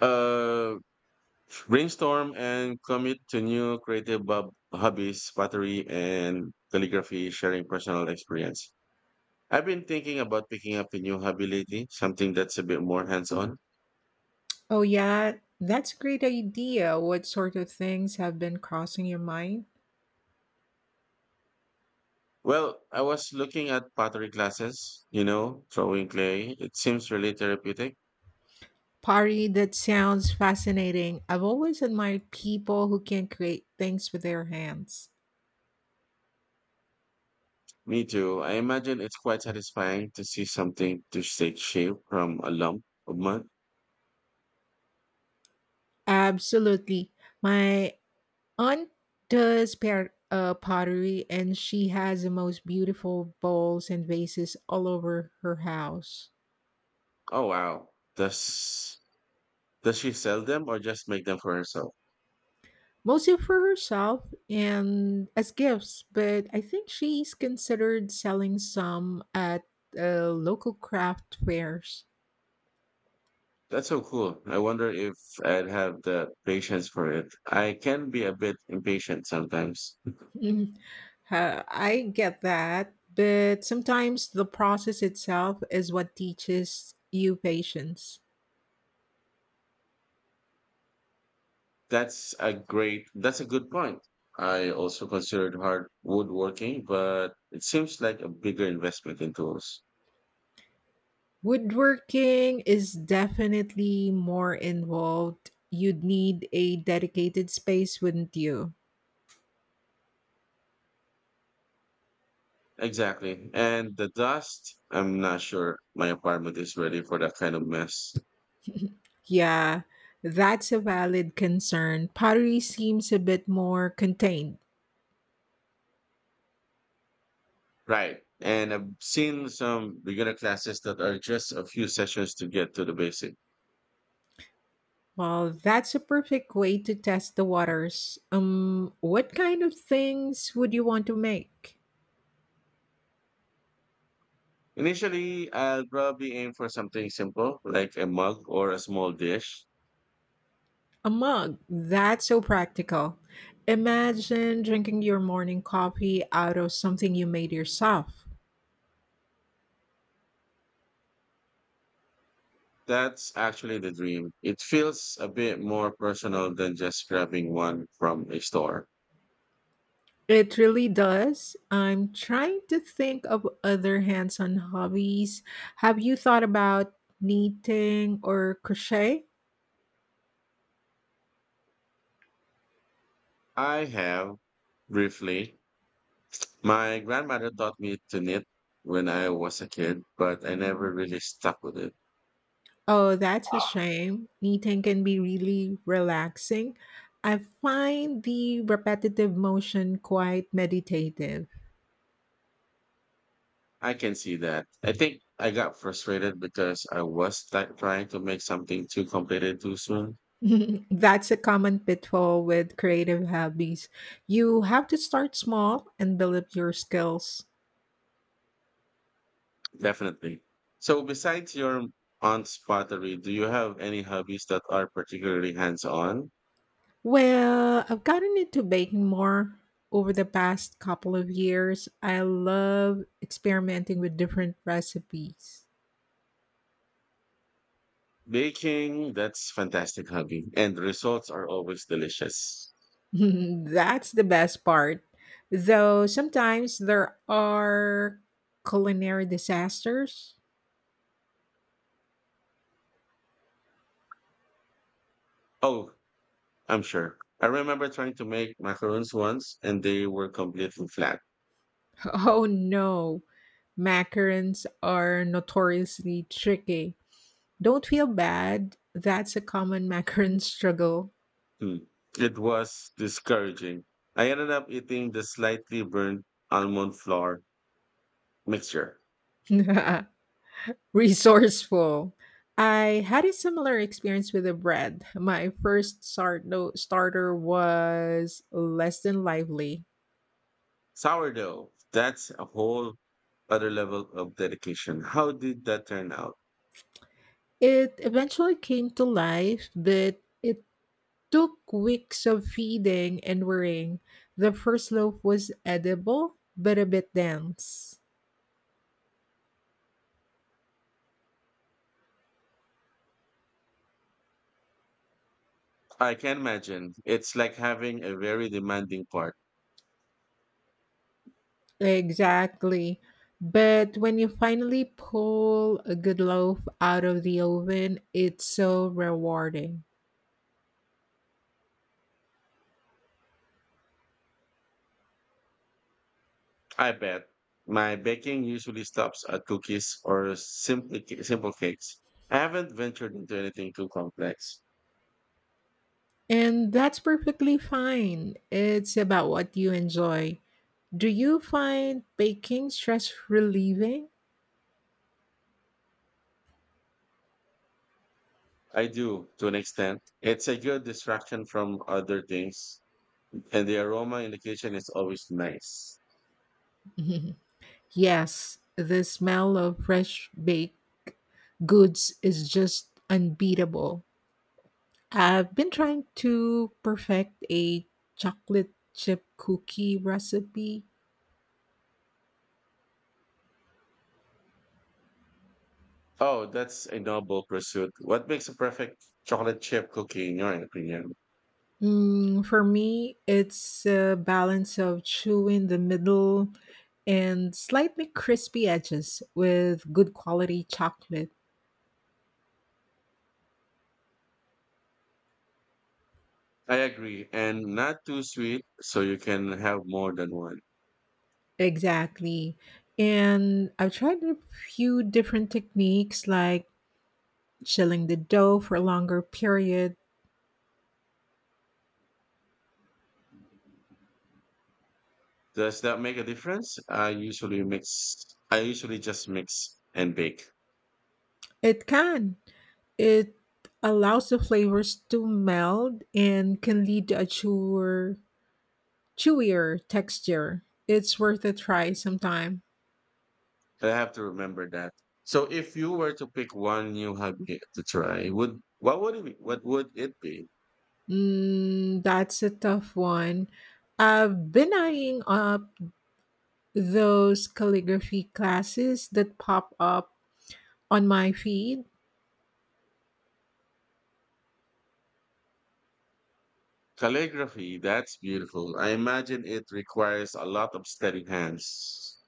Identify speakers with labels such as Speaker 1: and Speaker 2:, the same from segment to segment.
Speaker 1: Uh, brainstorm and commit to new creative hobbies, pottery and calligraphy, sharing personal experience. I've been thinking about picking up a new hobby lately, something that's a bit more hands-on.
Speaker 2: Oh, yeah, that's a great idea. What sort of things have been crossing your mind?
Speaker 1: Well, I was looking at pottery classes, you know, throwing clay. It seems really therapeutic.
Speaker 2: Pari, that sounds fascinating. I've always admired people who can create things with their hands.
Speaker 1: Me too. I imagine it's quite satisfying to see something to take shape from a lump of mud.
Speaker 2: Absolutely. My aunt pottery and she has the most beautiful bowls and vases all over her house.
Speaker 1: Oh wow. Does does she sell them or just make them for herself?
Speaker 2: Mostly for herself and as gifts, but I think she's considered selling some at local craft fairs.
Speaker 1: That's so cool. I wonder if I'd have the patience for it. I can be a bit impatient sometimes.
Speaker 2: Mhm. I get that, but sometimes the process itself is what teaches you patience.
Speaker 1: That's a good point. I also considered hard woodworking, but it seems like a bigger investment in tools.
Speaker 2: Woodworking is definitely more involved. You'd need a dedicated space, wouldn't you?
Speaker 1: Exactly. And the dust, I'm not sure my apartment is ready for that kind of mess.
Speaker 2: Yeah, that's a valid concern. Pottery seems a bit more contained.
Speaker 1: Right. And I've seen some beginner classes that are just a few sessions to get to the basic.
Speaker 2: Well, that's a perfect way to test the waters. What kind of things would you want to make?
Speaker 1: Initially, I'll probably aim for something simple like a mug or a small dish.
Speaker 2: A mug. That's so practical. Imagine drinking your morning coffee out of something you made yourself.
Speaker 1: That's actually the dream. It feels a bit more personal than just grabbing one from a store.
Speaker 2: It really does. I'm trying to think of other hands on hobbies. Have you thought about knitting or crochet?
Speaker 1: I have briefly. My grandmother taught me to knit when I was a kid, but I never really stuck with it.
Speaker 2: Oh, that's a shame. Knitting can be really relaxing. I find the repetitive motion quite meditative.
Speaker 1: I can see that. I think I got frustrated because I was like trying to make something too complicated too soon.
Speaker 2: That's a common pitfall with creative hobbies. You have to start small and build up your skills.
Speaker 1: Definitely. So, besides your aunt's pottery, do you have any hobbies that are particularly hands-on?
Speaker 2: Well, I've gotten into baking more over the past couple of years. I love experimenting with different recipes.
Speaker 1: Baking, that's fantastic hobby, and the results are always delicious.
Speaker 2: That's the best part. Though sometimes there are culinary disasters.
Speaker 1: Oh, I'm sure. I remember trying to make macaroons once, and they were completely flat.
Speaker 2: Oh no, macarons are notoriously tricky. Don't feel bad. That's a common macaron struggle.
Speaker 1: Hmm. It was discouraging. I ended up eating the slightly burnt almond flour mixture.
Speaker 2: Resourceful. I had a similar experience with the bread. My first start- no- starter was less than lively.
Speaker 1: Sourdough, that's a whole other level of dedication. How did that turn out?
Speaker 2: It eventually came to life, but it took weeks of feeding and worrying. The first loaf was edible, but a bit dense.
Speaker 1: I can imagine. It's like having a very demanding part.
Speaker 2: Exactly. But when you finally pull a good loaf out of the oven, it's so rewarding.
Speaker 1: I bet. My baking usually stops at cookies or simply simple cakes. I haven't ventured into anything too complex.
Speaker 2: And that's perfectly fine. It's about what you enjoy. Do you find baking stress relieving?
Speaker 1: I do, to an extent. It's a good distraction from other things, and the aroma indication is always nice.
Speaker 2: Yes, the smell of fresh baked goods is just unbeatable. I've been trying to perfect a chocolate chip cookie recipe.
Speaker 1: Oh, that's a noble pursuit. What makes a perfect chocolate chip cookie, in your opinion?
Speaker 2: Mm, for me, it's a balance of chewy in the middle and slightly crispy edges with good quality chocolate.
Speaker 1: I agree, and not too sweet, so you can have more than one.
Speaker 2: Exactly. And I've tried a few different techniques like chilling the dough for a longer period.
Speaker 1: Does that make a difference? I usually just mix and bake.
Speaker 2: It can. It allows the flavors to meld and can lead to a chewier texture. It's worth a try sometime.
Speaker 1: I have to remember that. So, if you were to pick one new hobby to try, would what would it be?
Speaker 2: Mm, that's a tough one. I've been eyeing up those calligraphy classes that pop up on my feed.
Speaker 1: Calligraphy. That's beautiful. I imagine it requires a lot of steady hands.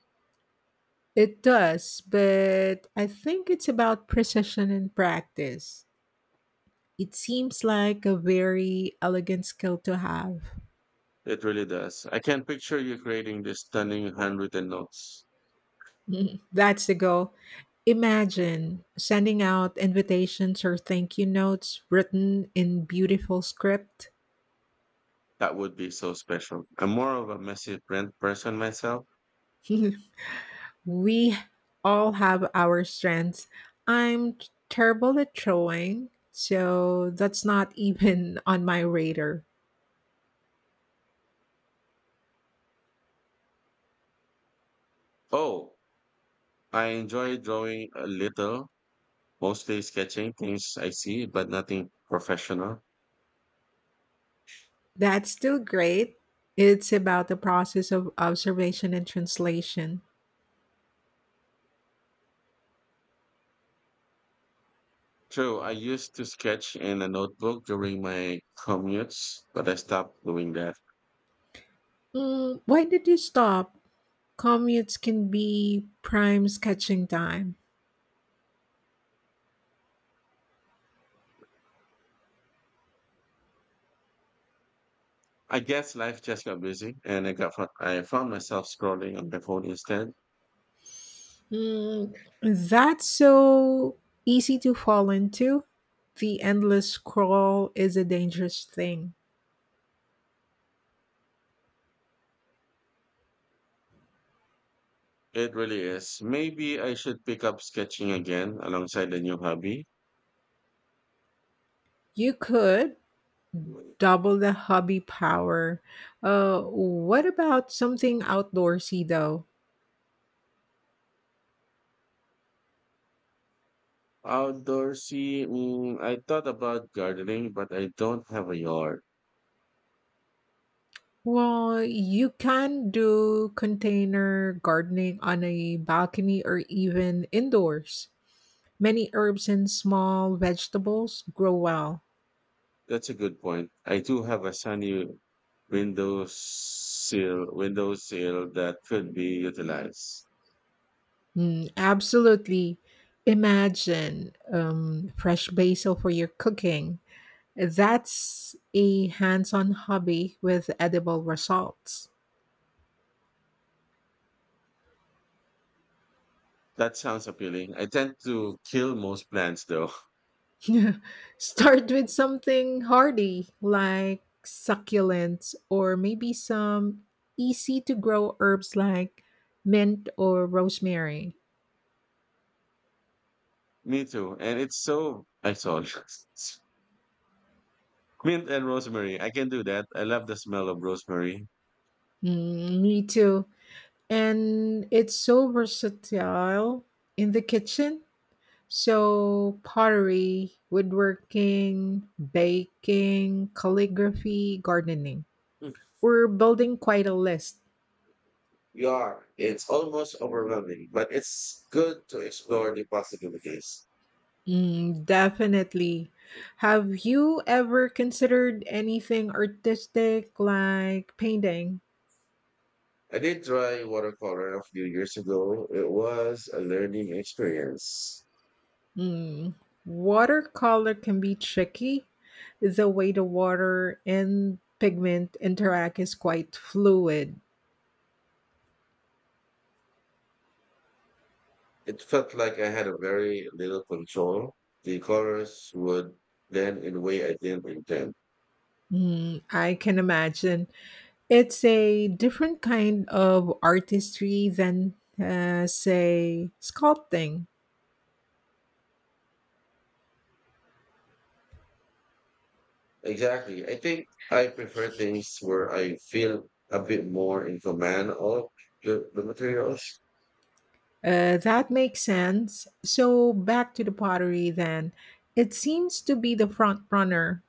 Speaker 2: It does, but I think it's about precision and practice. It seems like a very elegant skill to have.
Speaker 1: It really does. I can picture you creating these stunning handwritten notes.
Speaker 2: Mhm. That's the goal. Imagine sending out invitations or thank you notes written in beautiful script.
Speaker 1: That would be so special. I'm more of a messy print person myself.
Speaker 2: We all have our strengths. I'm terrible at showing, so that's not even on my radar.
Speaker 1: Oh, I enjoy drawing a little, mostly sketching things I see, but nothing professional.
Speaker 2: That's still great. It's about the process of observation and translation.
Speaker 1: True, I used to sketch in a notebook during my commutes, but I stopped doing that.
Speaker 2: Mm, why did you stop? Commutes can be prime sketching time.
Speaker 1: I guess life just got busy, and I found myself scrolling on my phone instead.
Speaker 2: Mm, that's so easy to fall into. The endless scroll is a dangerous thing.
Speaker 1: It really is. Maybe I should pick up sketching again alongside a new hobby.
Speaker 2: You could double the hobby power. What about something outdoorsy though?
Speaker 1: Outdoorsy, I thought about gardening, but I don't have a yard.
Speaker 2: Well, you can do container gardening on a balcony or even indoors. Many herbs and small vegetables grow well.
Speaker 1: That's a good point. I do have a sunny window sill that could be utilized.
Speaker 2: Mm, absolutely. Imagine fresh basil for your cooking. That's a hands on hobby with edible results.
Speaker 1: That sounds appealing. I tend to kill most plants though.
Speaker 2: Start with something hardy like succulents or maybe some easy to grow herbs like mint or rosemary.
Speaker 1: Me too. And it's so I saw mint and rosemary. I can do that. I love the smell of rosemary.
Speaker 2: Mm, me too. And it's so versatile in the kitchen. So, pottery, woodworking, baking, calligraphy, gardening.
Speaker 1: Mm,
Speaker 2: We're building quite a list.
Speaker 1: You are. It's almost overwhelming, but it's good to explore the possibilities.
Speaker 2: Mm, definitely. Have you ever considered anything artistic like painting?
Speaker 1: I did try watercolor a few years ago. It was a learning experience.
Speaker 2: Mm, watercolor can be tricky. The way the water and pigment interact is quite fluid.
Speaker 1: It felt like I had a very little control. The colors would blend in a way I didn't intend.
Speaker 2: Mm, I can imagine. It's a different kind of artistry than, say, sculpting.
Speaker 1: Exactly. I think I prefer things where I feel a bit more in command of the materials.
Speaker 2: That makes sense. So back to the pottery then. It seems to be the front runner.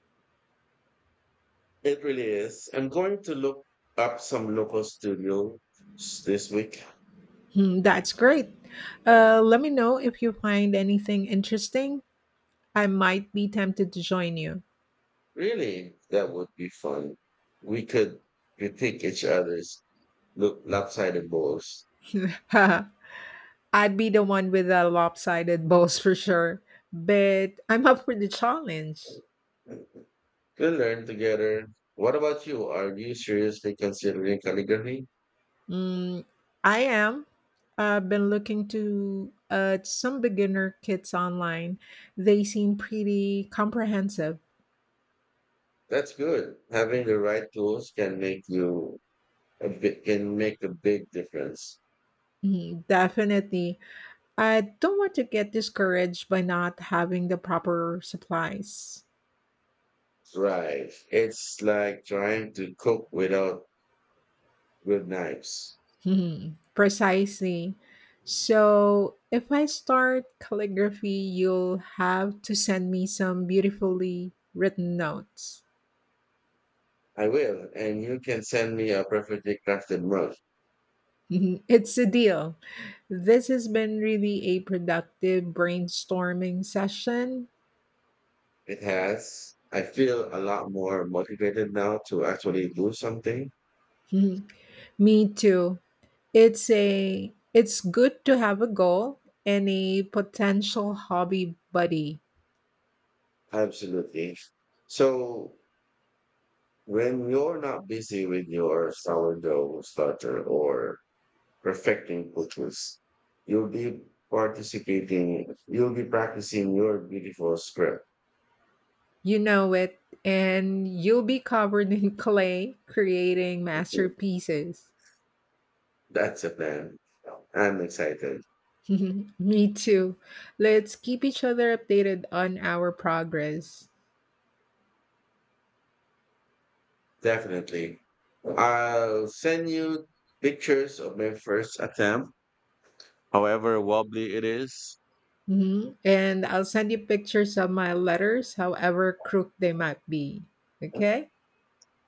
Speaker 1: It really is. I'm going to look up some local studios this week.
Speaker 2: Hmm, that's great. Let me know if you find anything interesting. I might be tempted to join you.
Speaker 1: Really, that would be fun. We could critique each other's look lopsided balls.
Speaker 2: I'd be the one with the lopsided balls for sure, but I'm up for the challenge.
Speaker 1: We'll learn together. What about you? Are you seriously considering calligraphy?
Speaker 2: Mm, I am. I've been looking to some beginner kits online. They seem pretty comprehensive.
Speaker 1: That's good. Having the right tools can make can make a big difference.
Speaker 2: Mhm, definitely. I don't want to get discouraged by not having the proper supplies.
Speaker 1: Right. It's like trying to cook without good knives.
Speaker 2: Mhm, precisely. So, if I start calligraphy, you'll have to send me some beautifully written notes.
Speaker 1: I will, and you can send me a perfectly crafted mug.
Speaker 2: It's a deal. This has been really a productive brainstorming session.
Speaker 1: It has. I feel a lot more motivated now to actually do something.
Speaker 2: Mhm. Me too. It's good to have a goal and a potential hobby buddy.
Speaker 1: Absolutely. So when you're not busy with your sourdough starter or perfecting butchers, you'll be you'll be practicing your beautiful script.
Speaker 2: You know it, and you'll be covered in clay creating masterpieces.
Speaker 1: That's a plan. I'm excited.
Speaker 2: Me too. Let's keep each other updated on our progress.
Speaker 1: Definitely. I'll send you pictures of my first attempt, however wobbly it is.
Speaker 2: Hmm. And I'll send you pictures of my letters, however crooked they might be.
Speaker 1: All
Speaker 2: Okay?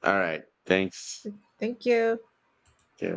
Speaker 1: right. Thanks.
Speaker 2: Thank you.
Speaker 1: Yeah.